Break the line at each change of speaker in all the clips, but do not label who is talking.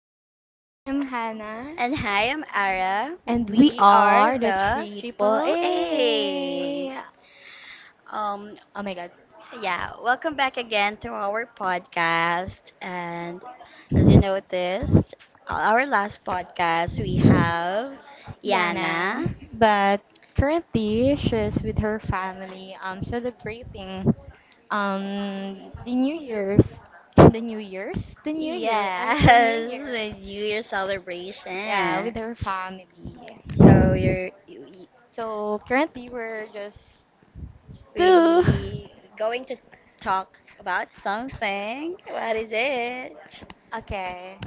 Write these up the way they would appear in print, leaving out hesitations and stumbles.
guys,
Hi, I'm Hannah.
and hi, I'm Ara.
And we
We are
are the
the
Triple
Triple A.
A.
Um,
Oh my god.
yeah, welcome back again to our podcast. And as you noticed, our last podcast we have
Yana.
Yana.
But currently she's with her family, celebrating, the New Year's. The New Year's? The New Year. I
Yes,
mean the New Year.
the New Year
Yeah,
celebration.
with her family.
So you're we
So currently we're just two.
we going to talk about something. What is it?
Okay.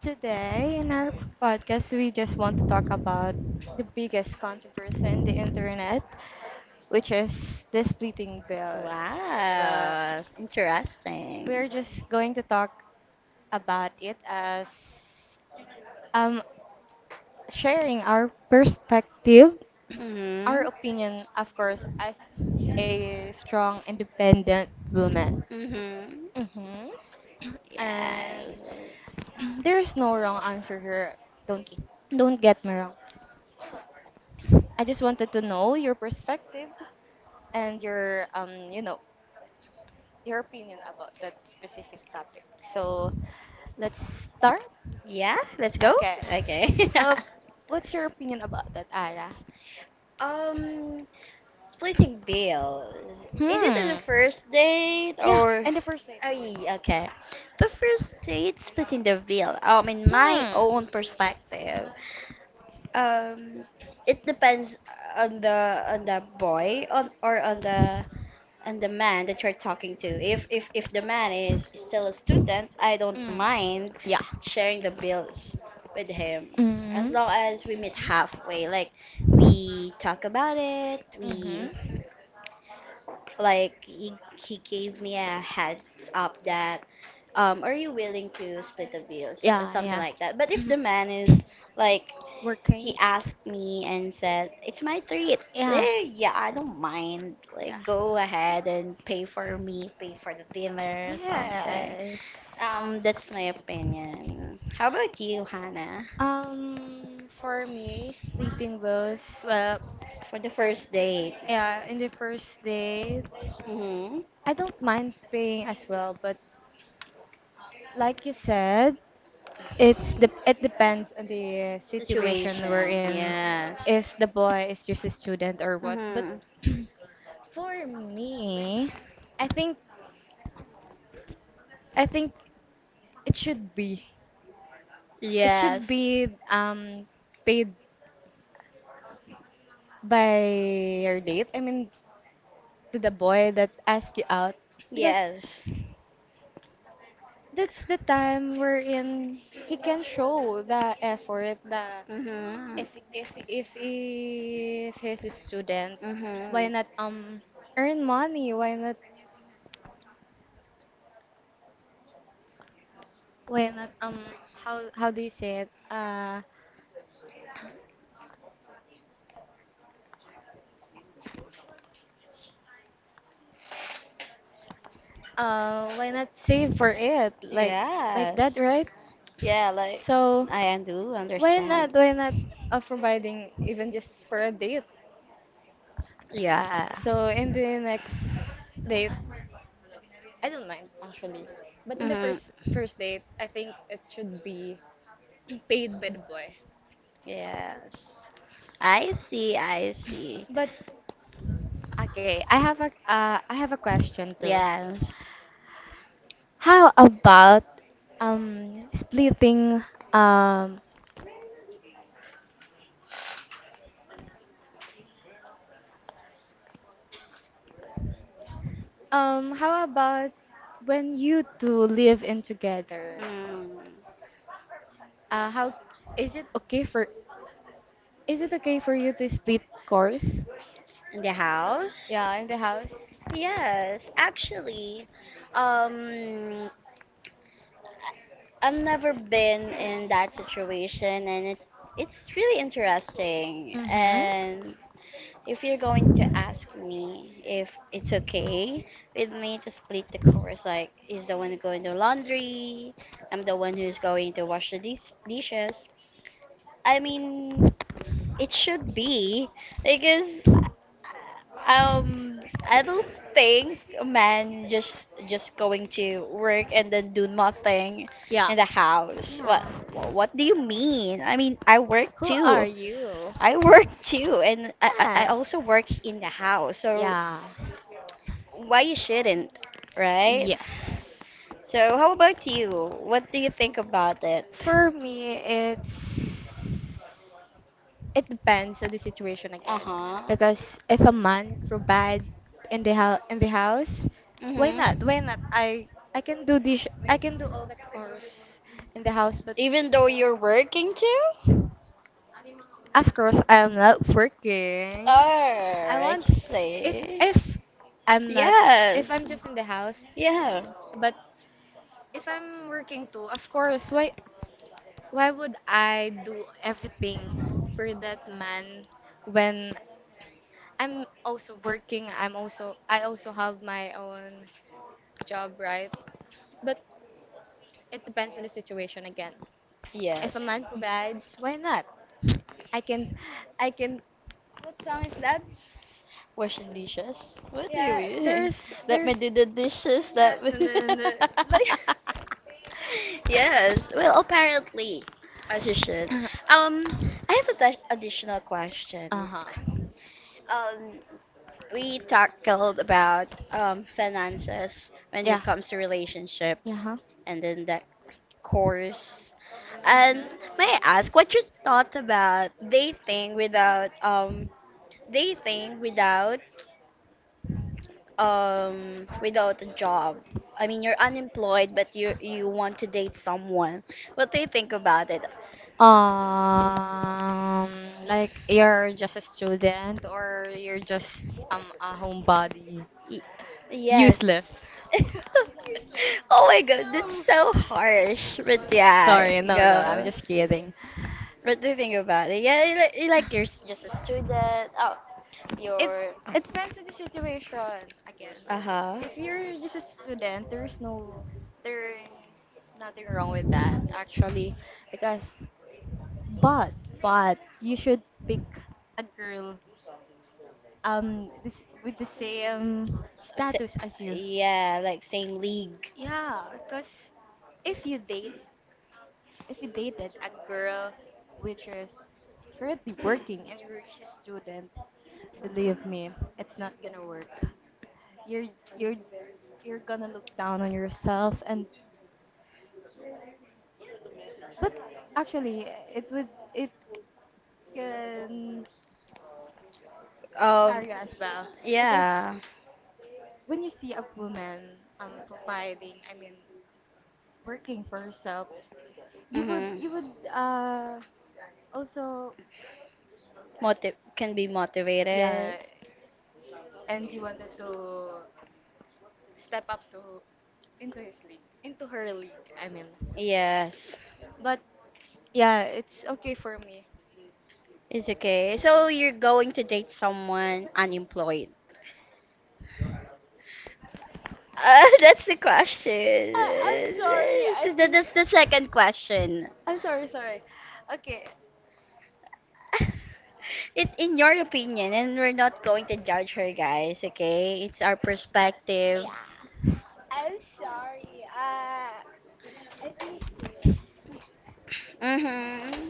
Today, in our podcast, we just want to talk about the biggest controversy in the internet, which is the splitting bills. But
Wow, interesting.
we're just going to talk about it as um, sharing our perspective, our
Mhm.
opinion, of course, as a strong, independent woman.
Mhm.
hmm And
Yes.
there's no wrong answer here. Don't get, don't get me wrong. I just wanted to know your perspective and your your opinion about that specific topic. So let's start.
Yeah, let's go.
Okay.
Okay.
How? What's your opinion about that, Ara?
um, Splitting bills. Is it in the
Hmm.
first date
Yeah,
or?
and the first date.
Oh, yeah, okay. The first date, splitting the bill. In my
Hmm.
own perspective, um, it depends on the boy on or on the and the man that you're talking to. If the man is still a student, I don't
Mm.
mind
Yeah.
sharing the bills with him as
Mhm.
long as we meet halfway. Like, we talk about it. We,
Mhm.
like, he gave me a heads up that, are you willing to split the bills or something
Yeah,
like that. But if the
yeah.
man is like, he
Working?
asked me and said, "It's my treat."
Yeah.
Eh, yeah, I don't mind.
Yeah.
Like, go ahead and pay for me, pay for the dinner, something.
Yes.
That's my opinion. How about you, Hannah?
For me, splitting bills, well,
For the first date,
yeah, in the first day,
hmm,
I don't mind paying as well, but like you said, it's the, it depends on the situation we're
situation,
in,
yes.
if the boy is just a student or what. But
Mm-hmm.
for me, I think I think it should be, it should
Yes.
be um paid by your date. I mean, to the boy that asked you out, because
Yes.
that's the time wherein he can show the effort, the,
Mm-hmm.
if if he's a student, why not
Mm-hmm.
earn money, why not how, do you say it, why not save for it? Like that,
Yes.
right?
Yeah, like,
So
I do
why not,
understand.
why not providing even just for a date,
Yeah.
so in the next date I don't mind actually, but in the
Mm-hmm.
first date I think it should be paid by the boy.
Yes. I see, I see.
But okay, I have a question too.
Yes.
How about splitting, um how about when you two live in together?
Mm.
How, is it okay for, is it okay for you to split chores?
In the house?
Yeah, in the house.
Yes, actually, um, I've never been in that situation, and it's really interesting.
Mm-hmm.
And if you're going to ask me if it's okay with me to split the chores, like, is the one going to laundry, I'm the one who's going to wash the dishes. I mean, it should be because, I don't think a man just going to work and then do nothing
Yeah.
in the house.
Yeah.
What do you mean? I mean, I work
Who are
too.
you?
I work too, and I
Yes.
also work in the house. So
Yeah.
why you shouldn't, right?
Yes.
So how about you? What do you think about it?
For me, it's, it depends on the situation
Uh
again.
huh.
Because if a man provide in the house, why not?
Mhm.
Why not? I can do dish. I can do all the chores in the house, but
Even though you're working too?
of course I am not working. I
Oh, I
want,
see.
if I'm not, if
Yes.
I'm just in the house,
Yeah.
but if I'm working too, of course why would I do everything for that man when I'm also working? I also have my own job, right? But it depends on the situation again. If a
Yes.
man provides, why not? I can, I can. What song is that?
Wash the dishes? What do you
Yeah,
mean?
there's
Let
there's.
me do the dishes. That
No, no, no, no. Like.
yes. Well, apparently, as you should. Um, I have additional
Uh
questions.
huh.
Um, we talked about finances when
Yeah.
it comes to
Yeah.
relationships,
Huh?
and then that course. And
Mhm.
may I ask what you thought about dating without, they think without without a job? I mean, you're unemployed but you want to date someone, what they think about it.
Um, like you're just a student or you're just a homebody.
Y- yes.
Useless.
Oh my god, that's so harsh, but yeah,
Sorry, no, no, I'm
go.
just kidding.
What do you think about it? Yeah, you like, you like, you're just a student. Oh,
It
you're,
it depends on the situation again.
uh-huh.
If you're just a student, there's nothing wrong with that actually, because, but but you should pick a girl, with the same
S
status as you.
Yeah, like same league.
Yeah, because if you date, if you dated a girl which is currently working and you're just a student, believe me, it's not gonna work. You're you're you're gonna look down on yourself, and but actually it would, it can
Um,
inspire you as well, because
yeah.
when you see a woman providing, I mean working for herself,
Mm-hmm.
you would also,
Motiv Can be
yeah,
motivated.
and you wanted to step up to, into his league, into her league. I mean,
Yes,
but yeah, it's okay for me.
it's okay. So you're going to date someone unemployed? That's the question.
I'm sorry.
This
I
is the,
think,
that's the second question.
I'm sorry. Sorry. Okay.
It, in your opinion, and we're not going to judge her, guys. Okay, it's our perspective.
Yeah.
Mm-hmm.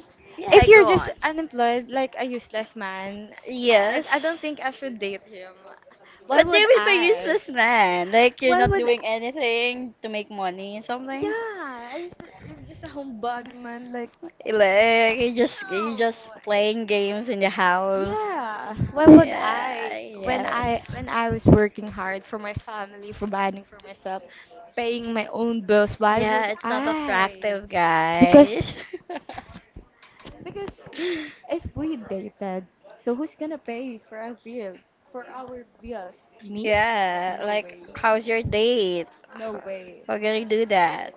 If
Yeah,
you're
go
just
on.
unemployed, like a useless man, I
Yes.
don't think I should date him. Why
But
would
they will be
I?
useless, man. Like, you're
Why
not
would?
doing anything to make money or something.
Yeah, I, you're just a homebody man. Like,
Like, you just playing games in the house.
yeah, why would
Yeah,
I, when I,
yes.
was working hard for my family, providing for myself, paying my own bills, why
Yeah,
would
it's not
I?
attractive,
Because
guys.
because if we dated, so who's gonna pay for our bill? For our bills? Me?
Yeah,
No
like,
way.
how's your date?
No way.
How can you do that?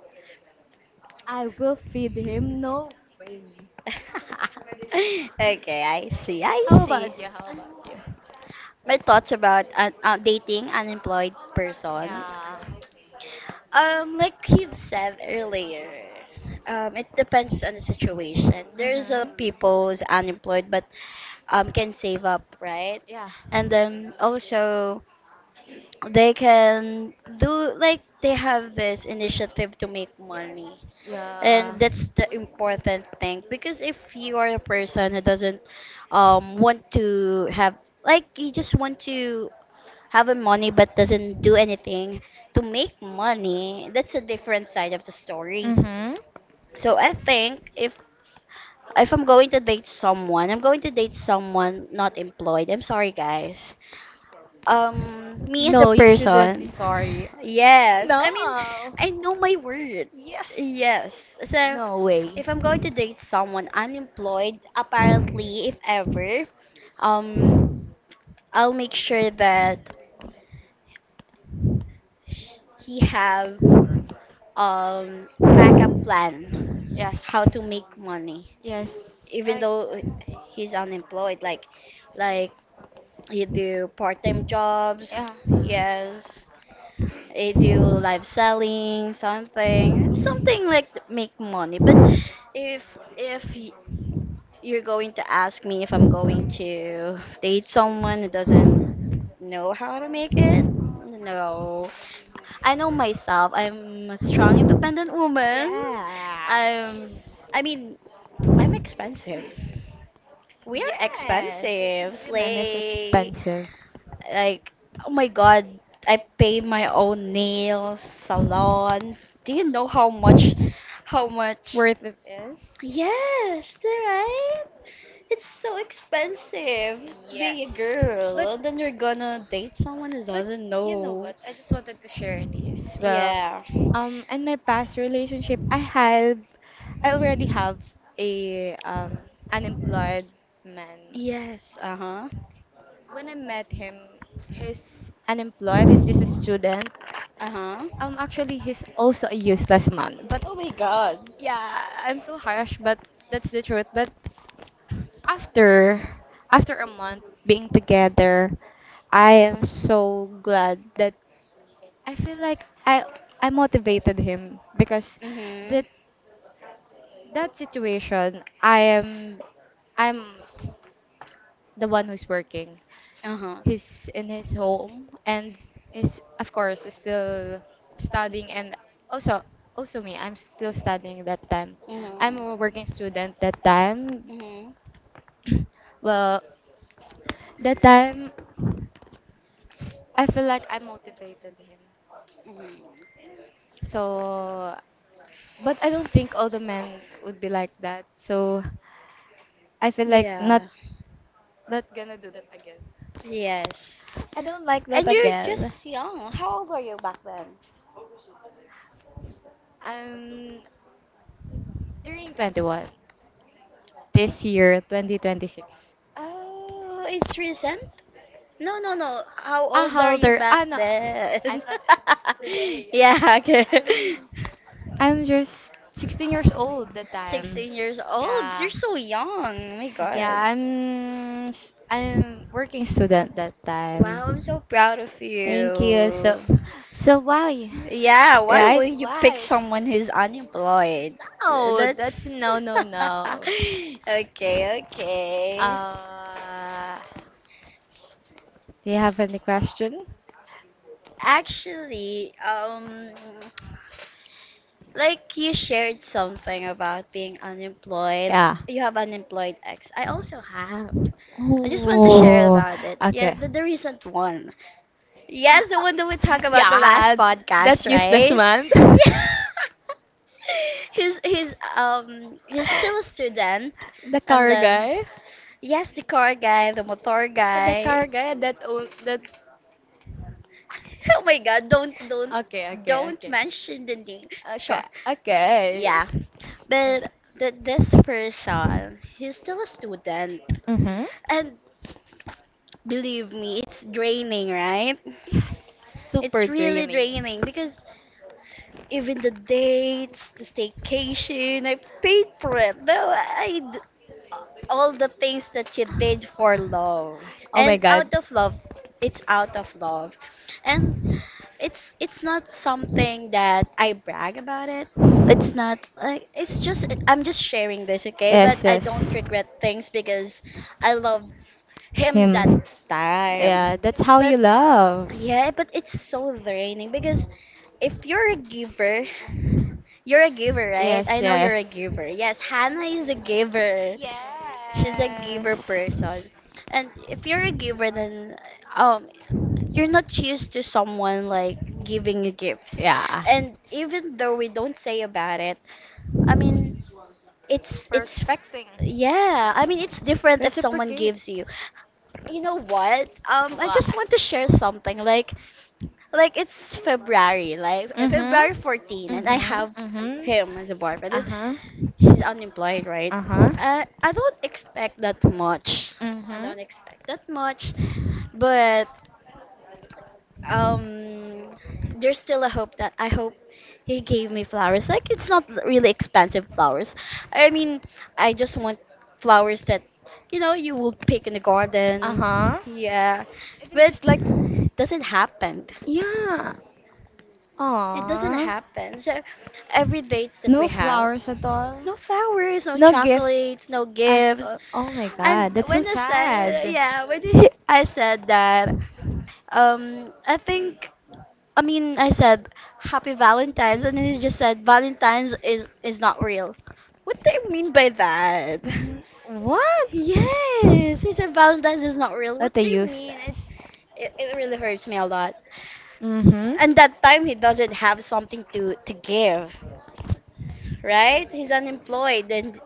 I will feed him, no way.
Okay, I see. I
How
see.
about you? How about you?
My thoughts about an, dating unemployed person.
Yeah.
Like you've said earlier, it depends on the situation. There's a
Mhm.
people who's unemployed but can save up, right?
Yeah.
And then also they can do, like, they have this initiative to make money,
Yeah.
and that's the important thing because if you are a person who doesn't want to have, like, you just want to having money but doesn't do anything to make money, that's a different side of the story.
Mhm.
So I think if I'm going to date someone, I'm going to date someone not employed. I'm sorry guys. Me as a
No, you shouldn't be
person,
sorry.
yes. I mean,
No.
I know my word.
Yes.
Yes. So
No way.
if I'm going to date someone unemployed, apparently if ever, um I'll make sure that he have, backup plan, how
Yes.
to make money,
Yes.
even
Like,
though he's unemployed. Like he do part-time jobs.
yeah.
Yes, he do live selling something, something like, to make money. But if y- you're going to ask me if I'm going to date someone who doesn't know how to make it, no. I know myself. I'm a strong, independent woman. I'm,
Yes.
I mean, I'm expensive. We are
Yes.
expensive,
Women is
Slay.
expensive.
Like, oh my God, I pay my own nails, salon. Do you know how much, how much?
Worth it is.
Yes, right? It's so expensive to be a
Yes.
girl.
But
And then you're gonna date someone who
but
doesn't
you know
know.
what? I just wanted to share this. Well,
Yeah.
in my past relationship, I had, I already have a, unemployed man.
Yes, uh-huh.
When I met him, he's unemployed. He's just a student.
Uh-huh.
Actually, he's also a useless man. But
Oh my god.
yeah, I'm so harsh, but that's the truth. But after, after a month being together, I am so glad that I feel like I motivated him, because
Mhm.
that, that situation I am, I'm the one who's working.
Uh-huh.
He's in his home and is of course still studying, and also, also me, I'm still studying that time.
Mhm.
I'm a working student that time.
Mhm.
Well, that time I feel like I motivated him.
Mhm.
So, but I don't think all the men would be like that. So I feel like not,
Yeah.
not gonna do that again.
Yes.
I don't like that
And you're
again.
just young. How old were you back then?
I'm turning 21 this year, 2026.
Oh, it's recent? No, no, no. How
Ah,
old
how
are
old
you
are...
back
Ah, no. I
then?
thought it's...
Yeah, okay.
I'm just 16 years old that time.
16 years old. You're
Yeah.
so young. Oh my
Yeah,
God.
I'm working student that
Wow, I'm
time.
so proud of
Thank you. So...
you.
So why?
Yeah, why
Right?
would you pick
Why?
someone who's unemployed?
Oh, that's
That's
no, no, no.
okay, okay.
Uh... Do you have any question?
Actually, like you shared something about being unemployed.
Yeah.
You have unemployed ex. I also have. I just want to share
Oh,
about it. Yeah,
okay.
the recent one. Yes, the one that we talked about the last
Yeah, that
podcast,
useless
right?
man.
Yeah. He's still a student,
The
and
car
then
guy?
yes, the car guy, the motor
The
guy.
car guy that own that,
Oh my god, don't don't
okay, okay,
don't
okay.
mention the name.
Okay,
Sure.
okay.
Yeah.
Mm.
But that this person, he's still a student.
Mm-hmm.
And believe me, it's draining, right?
Yes,
It's
super
really
draining.
draining because even the dates, the staycation, I paid for it. Though all the things that you did for love,
Oh my
and
god.
out of love, it's out of love, and it's not something that I brag about it. It's not like, it's just I'm just sharing this, okay? But
Yes,
I
yes.
don't regret things because I love him that
Him.
time.
Yeah, that's how you
But
love.
yeah, but it's so draining because if you're a giver you're a giver, right?
Yes,
I know you're a
yes.
giver. Yes, Hannah is a giver. She's a giver
Yes.
person. And if you're a giver, then, um, you're not used to someone like giving you gifts.
Yeah.
And even though we don't say about it, I mean,
We're
it's
expecting.
yeah. I mean, it's different if someone
Reciprocate.
gives you. You know what? I
What?
just want to share something. Like, it's February, like February
Mm-hmm.
14, and I
Mm-hmm.
have
Mm-hmm.
him as a boyfriend.
Uh-huh.
She's unemployed, right?
Uh-huh.
I don't expect that much. I
Mm-hmm.
don't expect that much, but, um, there's still a hope that I hope he gave me flowers. Like, it's not really expensive flowers. I mean, I just want flowers that you know you will pick in the garden.
Uh-huh.
Yeah,
Even
but
just like,
it doesn't happen.
yeah.
It doesn't
Aww.
happen. So every dates that we
No
have,
flowers at all.
no flowers, no
No gift
chocolates, no
at
gifts.
all. Oh my
And
god, that's so
when I said,
sad.
yeah, when he, I said that, I think, I mean, I said Happy Valentine's, and then he just said Valentine's is not real. What do you mean by that?
N-, what?
Yes, he said Valentine's is not real.
What
What
a
do you mean?
useless.
It really hurts me a lot.
Mm-hmm.
And that time he doesn't have something to give. Right? He's unemployed, and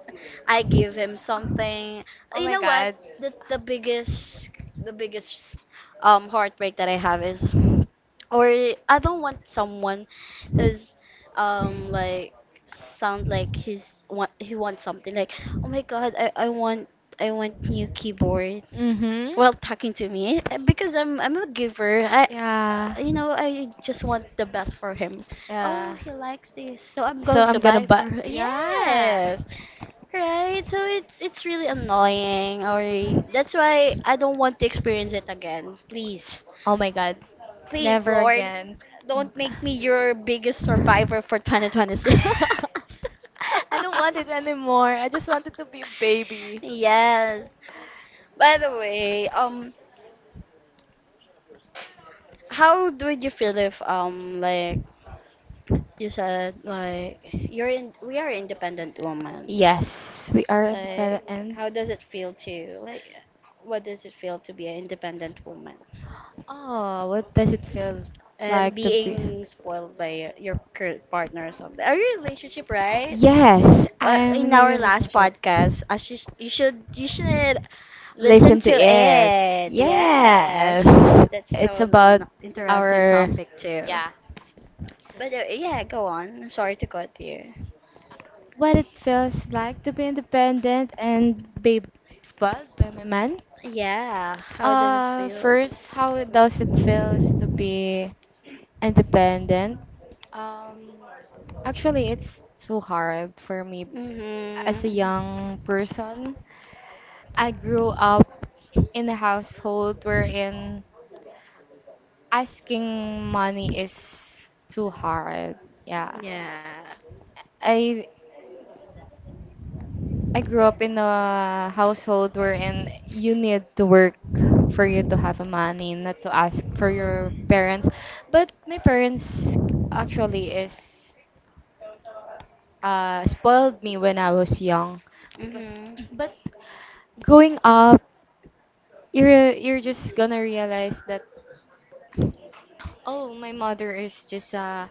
I give him something.
Oh
You
my
know what?
god.
The the biggest the biggest heartbreak that I have is, or I don't want someone who's, like, sound like he wants something like, oh my god, I want new keyboard,
Mm-hmm.
well, talking to me, because I'm a giver. I,
Yeah.
you know, I just want the best for him. Oh,
Yeah.
he likes this, so I'm
So
going to
I'm gonna
buy
buy.
for her.
Yeah.
Yes, right. So it's really annoying, or that's why I don't want to experience it again. Please,
Oh my god.
please,
Never
Lord,
again.
don't make me your biggest survivor for 2026.
I don't want it anymore. I just wanted to be a baby.
Yes. By the way, how would you feel if, like, you said, like, you're in we are independent woman.
Yes, we are at the better
Like,
end.
how does it feel to like, what does it feel to be an independent woman
Oh, what does it feel
and
like to be?
being spoiled by your current partner or something? Are you in a relationship, right?
Yes, I'm
In
in a
our last
relationship.
podcast, I should you should you should listen
Listen
to
to it.
it. Yes,
Yes.
that's
It's
so
about
interesting
our,
topic too.
yeah,
But, yeah, go on. I'm sorry to cut you.
what it feels like to be independent and be spoiled by my man.
Yeah, how does it feel?
First, how it- does it feels to be independent? Um, actually, it's too hard for me as a
Mhm.
young person. I grew up in a household wherein asking money is too hard. Yeah.
Yeah.
I I grew up in a household wherein you need to work for you to have a money, not to ask for your parents. But my parents actually is, spoiled me when I was young, because
Mhm.
but growing up you're just gonna realize that, oh, my mother is just a,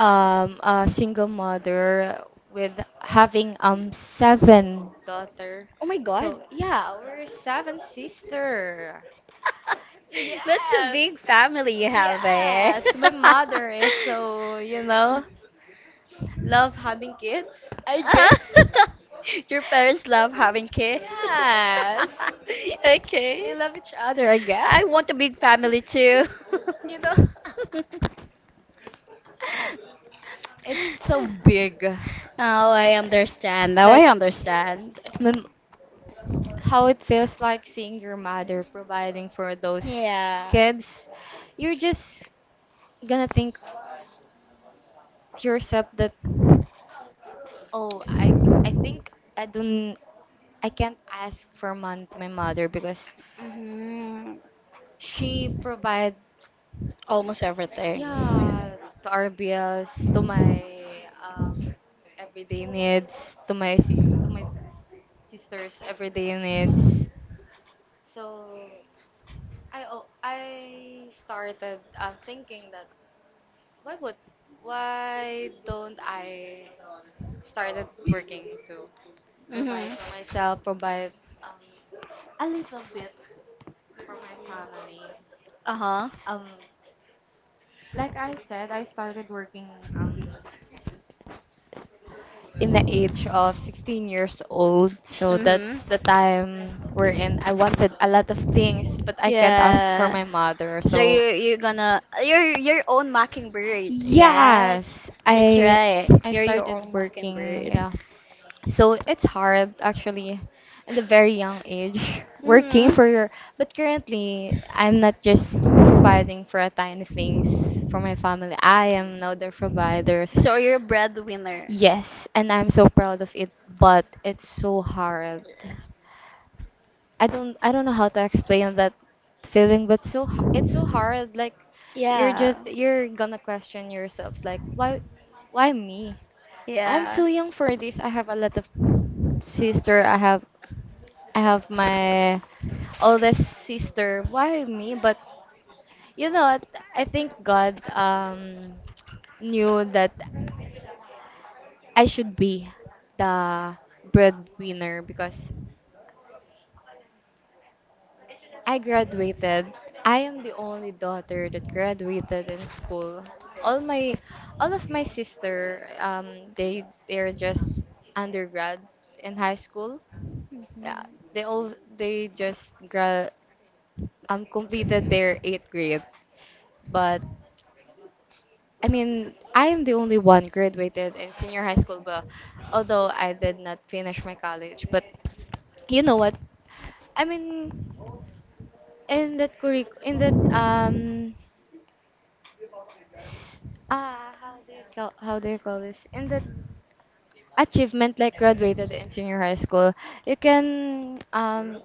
a single mother with having seven daughter.
Oh my
So
god.
yeah, we're seven sister.
That's a
Yes.
big family you have there.
Yes. My mother is so, you know, love having kids, I guess.
Your parents love having kids.
Yes. They
Okay.
love each other, I
I
guess.
want a big family too.
You know. It's so big.
Oh, I understand. Now
Like,
I understand.
my, how it feels like seeing your mother providing for those
Yeah.
kids, you're just gonna think to yourself that, oh, I think I don't I can't ask for money to my mother, because
Hmm.
she provide,
Almost everything.
yeah, to our bills, to my, um everyday needs, to my sister's everyday needs. So I started thinking that, why would, why don't I started working to provide
Hmm.
for myself, provide um, a little bit for my family?
Uh-huh.
Um, like I said, I started working um in the age of 16 years old, so
Hmm.
that's the time wherein I wanted a lot of things, but I can't ask for
Yeah.
my mother.
So
So
you you're gonna, you're your own mockingbird. Yeah.
yes,
That's right.
I
You're your
started
own
working,
mockingbird.
yeah, so it's hard actually at a very young age working
Mm-hmm.
for your, but currently I'm not just providing for a tiny things for my family. I am now the provider. So
So you're a breadwinner.
yes, and I'm so proud of it, but it's so hard. I don't know how to explain that feeling, but so, it's so hard, like you're
Yeah.
just, you're gonna question yourself like, why me? I'm
Yeah.
too young for this. I have a lot of sister. I have, I have my oldest sister. Why me? But you know what? I think God knew that I should be the breadwinner, because I graduated. I am the only daughter that graduated in school. All my all of my sister they, they're just undergrad in high school. Yeah,
Mm-hmm.
they all they just completed their eighth grade. But I mean, I am the only one graduated in senior high school, but although I did not finish my college, but you know what? I mean, in that s- how do you call this? In that achievement, like graduated in senior high school, you can um,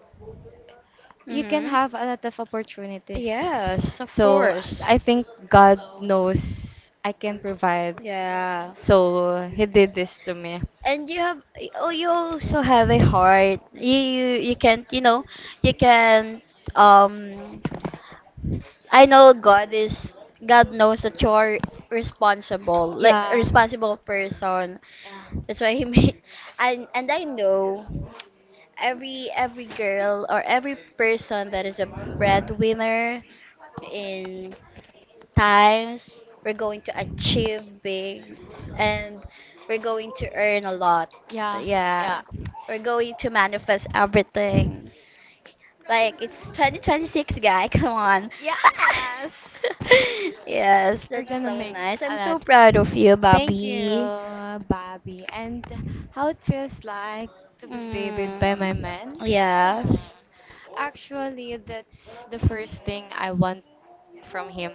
you can
Mm-hmm.
have a lot of opportunities.
Yes, of
So
course.
I think God knows I can provide.
Yeah.
So He did this to me.
And you have oh you also have a heart. You can't. You can um I know God is God knows that you're responsible, like a
Yeah,
responsible person.
yeah.
That's why he made and I know every girl or every person that is a breadwinner in times, we're going to achieve big, and we're going to earn a lot,
Yeah,
yeah,
yeah.
we're going to manifest everything. Like, it's 2026, guy, come on.
Yes!
Yes,
We're
that's
gonna
so
make
nice. I'm
a
so
lot.
proud of you,
Thank you,
Bobby.
Bobby. And how it feels like to be
mm,
babied by my man?
yes.
Actually, that's the first thing I want from him.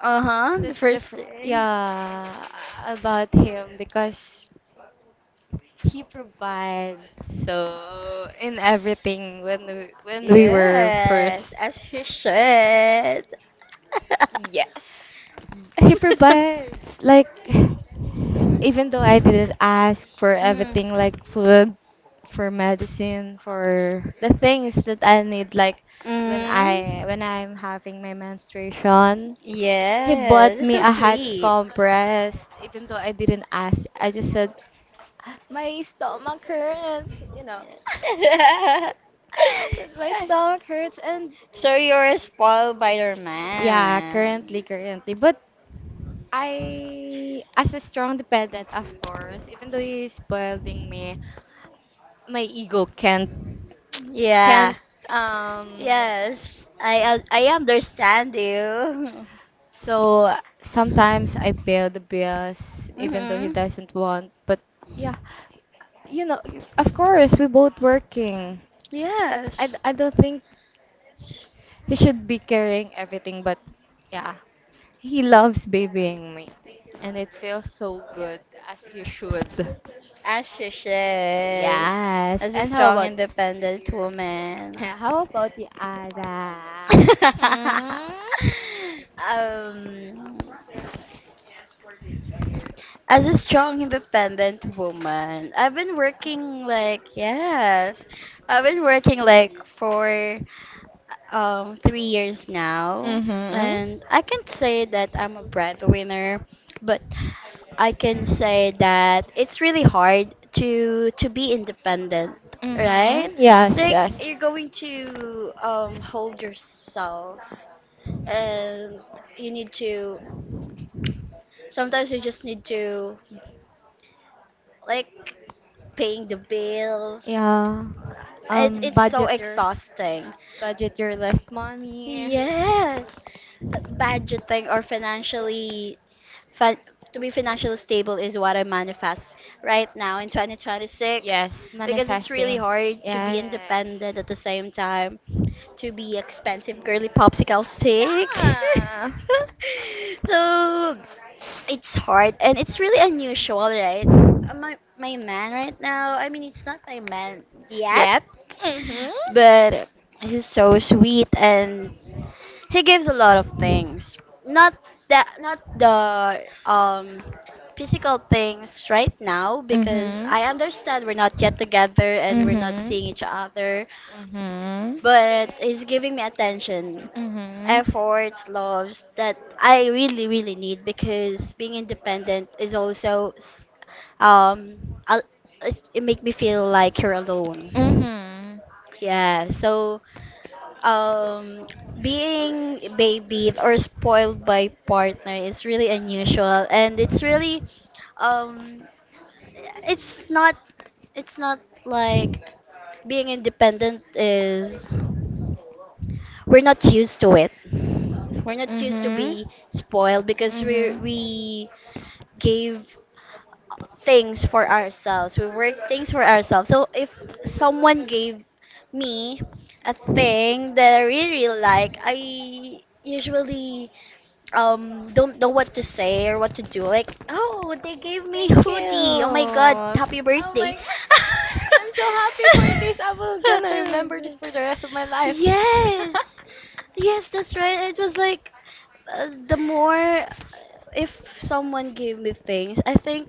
Uh-huh, the first thing.
Yeah, about him, because he provides so in everything when when we were
Yes,
first.
as he should.
Yes. He provides like, even though I didn't ask, for everything
Hmm.
like food, for medicine, for the things that I need, like when
Hmm.
I when I'm having my menstruation, he bought
Yes, it's
me
so
a hot
sweet.
compress. Even though I didn't ask, I just said my stomach hurts. That my stomach hurts. And
So you're a spoiled by your
yeah,
man.
currently, but I, as a strong dependent, of course, even though he's spoiling me, my ego can't
Yeah.
Can't um
Yes, I understand you.
so sometimes I pay the bills even though he
Mhm.
doesn't want, but yeah, you know, of course we both working. I, d-
Yes.
I don't think he should be carrying everything, but yeah, he loves babying me, and it feels so good, as he should.
As she should,
Yes,
as a
and how
strong,
about you?
independent woman.
How about you, Ada? Hmm?
um, as a strong, independent woman, I've been working like, yes, I've been working like for 3 years now,
Mm-hmm.
and I can say that I'm a breadwinner. But I can say that it's really hard to be independent, right?
Mm-hmm. Yes,
Like,
yes.
you're going to hold yourself, and you need to. Sometimes you just need to, like, paying the bills.
Yeah.
It,
Um,
it's so
budget your
exhausting.
budget your left money.
Yes, budgeting or financially Fin- to be financially stable is what I manifest right now in 2026,
Yes,
because it's really
manifesting.
hard to be
Yes.
independent at the same time to be expensive girly popsicle stick.
Yeah.
So it's hard and it's really unusual, right? My my man right now. I mean, it's not my man yet,
Yet. Mm-hmm.
but he's so sweet and he gives a lot of things. Not that, not the um physical things right now, because
Mm-hmm.
I understand we're not yet together and we're not
Mm-hmm.
seeing each other.
Mm-hmm.
But he's giving me attention,
Mhm.
efforts, loves that I really really need, because being independent is also um I'll, it make me feel like you're alone.
Mhm.
Yeah, so um, being babied or spoiled by partner is really unusual, and it's really, um, it's not, it's not like being independent is. We're not used to it. We're not used to
Mhm.
be spoiled because we
Mhm.
we gave things for ourselves. We work things for ourselves. So if someone gave me a thing that I really, really like, I usually don't know what to say or what to do. Like, oh, they gave me
Thank you.
hoodie. Oh my god,
Oh
happy birthday.
my God. I'm so happy for this. I will gonna remember this for the rest of my life.
Yes. Yes, that's right. It was like the more if someone gave me things, I think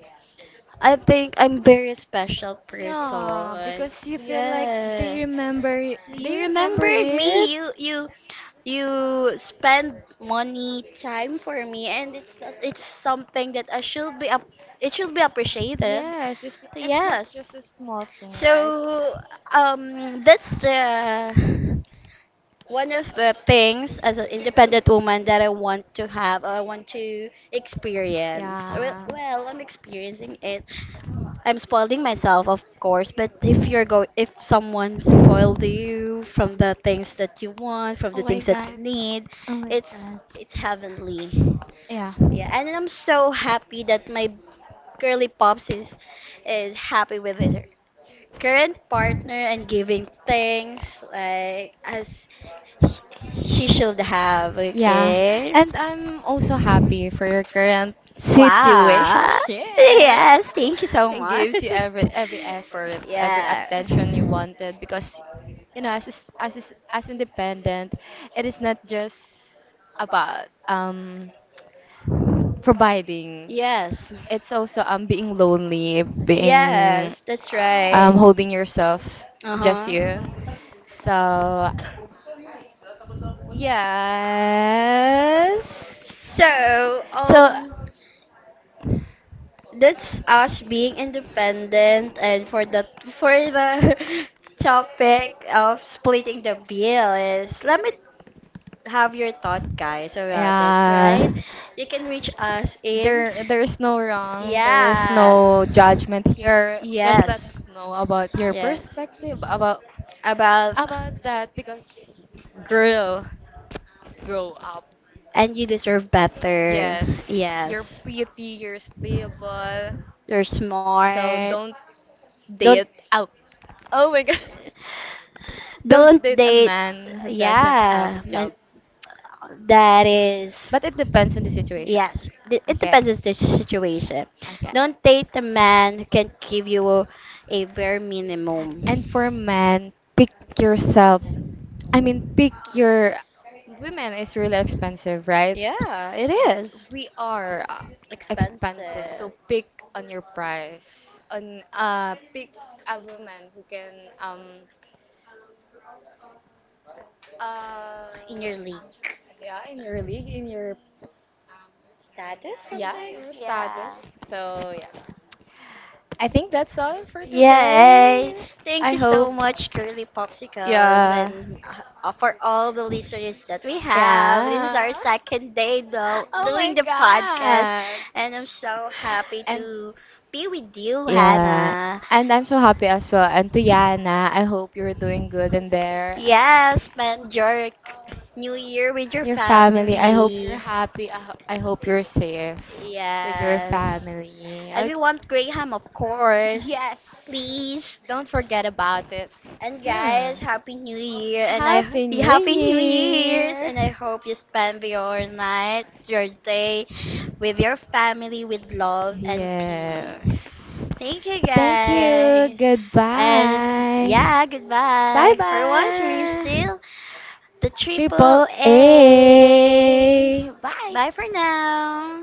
I'm very special
Yeah,
person.
because you feel like they
Yeah.
remember it.
You
They remember
remembered
it.
me. You spend money, time for me, and it's something that I should be ap- it should be appreciated.
Yes, it's not
Yes.
just a small thing, right?
So that's the one of the things as an independent woman that I want to have, I want to experience. Well,
Yeah.
I'm experiencing it. I'm spoiling myself, of course. But if someone spoiled you from the things that you want, from the
Oh my
things that you
God.
need,
Oh my God.
it's heavenly.
Yeah.
Yeah, and I'm so happy that my girly pops is happy with it current partner and giving things like as she should have,
Yeah.
okay?
And I'm also happy for your current
Wow.
situationship.
Yes, thank you so
It
much.
gives you every effort, every attention you
Yeah.
wanted because as independent, it is not just about providing.
Yes.
It's also being lonely, being
Yes, that's right.
holding yourself, just you.
Uh-huh.
So yes.
So,
So
that's us being independent. And for the for the topic of splitting the bill, is let me have your thought, guys, about it, right?
yeah.
You can reach us in,
There is no wrong, there is
yeah.
no judgment here. Just let
Yes.
us know about your
Yes.
perspective about
About
that, because girl, grow up.
and you deserve better.
Yes, you're
Yes.
pretty, you're stable.
You're
So
smart.
don't
Don't
date. Oh, oh my God. Don't
don't
date a
date,
man who doesn't have a
yeah, men.
job.
That is,
But it depends on the situation.
yes, it
Okay,
depends on the situation.
okay.
Don't date a man who can't give you a bare
And
minimum.
for men, pick yourself. I mean, pick your. Women is really expensive, right?
Yeah, it is
We are
expensive.
expensive, so pick on your price. On Pick a woman who can Uh,
In your league,
yeah, in your league,
status, something.
your
Yeah.
status. So yeah, I think that's all for
Yay!
today.
Thank
I
you so
hope.
much, Curly Popsicles,
Yeah.
and for all the listeners that we have. This is
Yeah.
our second day though
Oh
doing
my
the podcast,
God.
and I'm so happy
And
to be with you,
Yeah,
Hannah.
and I'm so happy as well. And to Yana, I hope you're doing good in there.
Yeah, spend your new year with your
Your family, I hope you're
family.
happy. I hope you're safe with your
Yes,
family.
and we want Graham, of course.
Yes.
Please.
Don't forget about it.
And
Hmm.
guys, happy new year. And I
Happy New
Happy new years,
Year.
and I hope you spend your night, your day with your family with love and peace.
Yes.
Thank you,
Thank you.
guys. And
Goodbye.
yeah,
Bye
goodbye. For once we're
bye.
still the triple
Triple
A.
A.
Bye
Bye.
for now.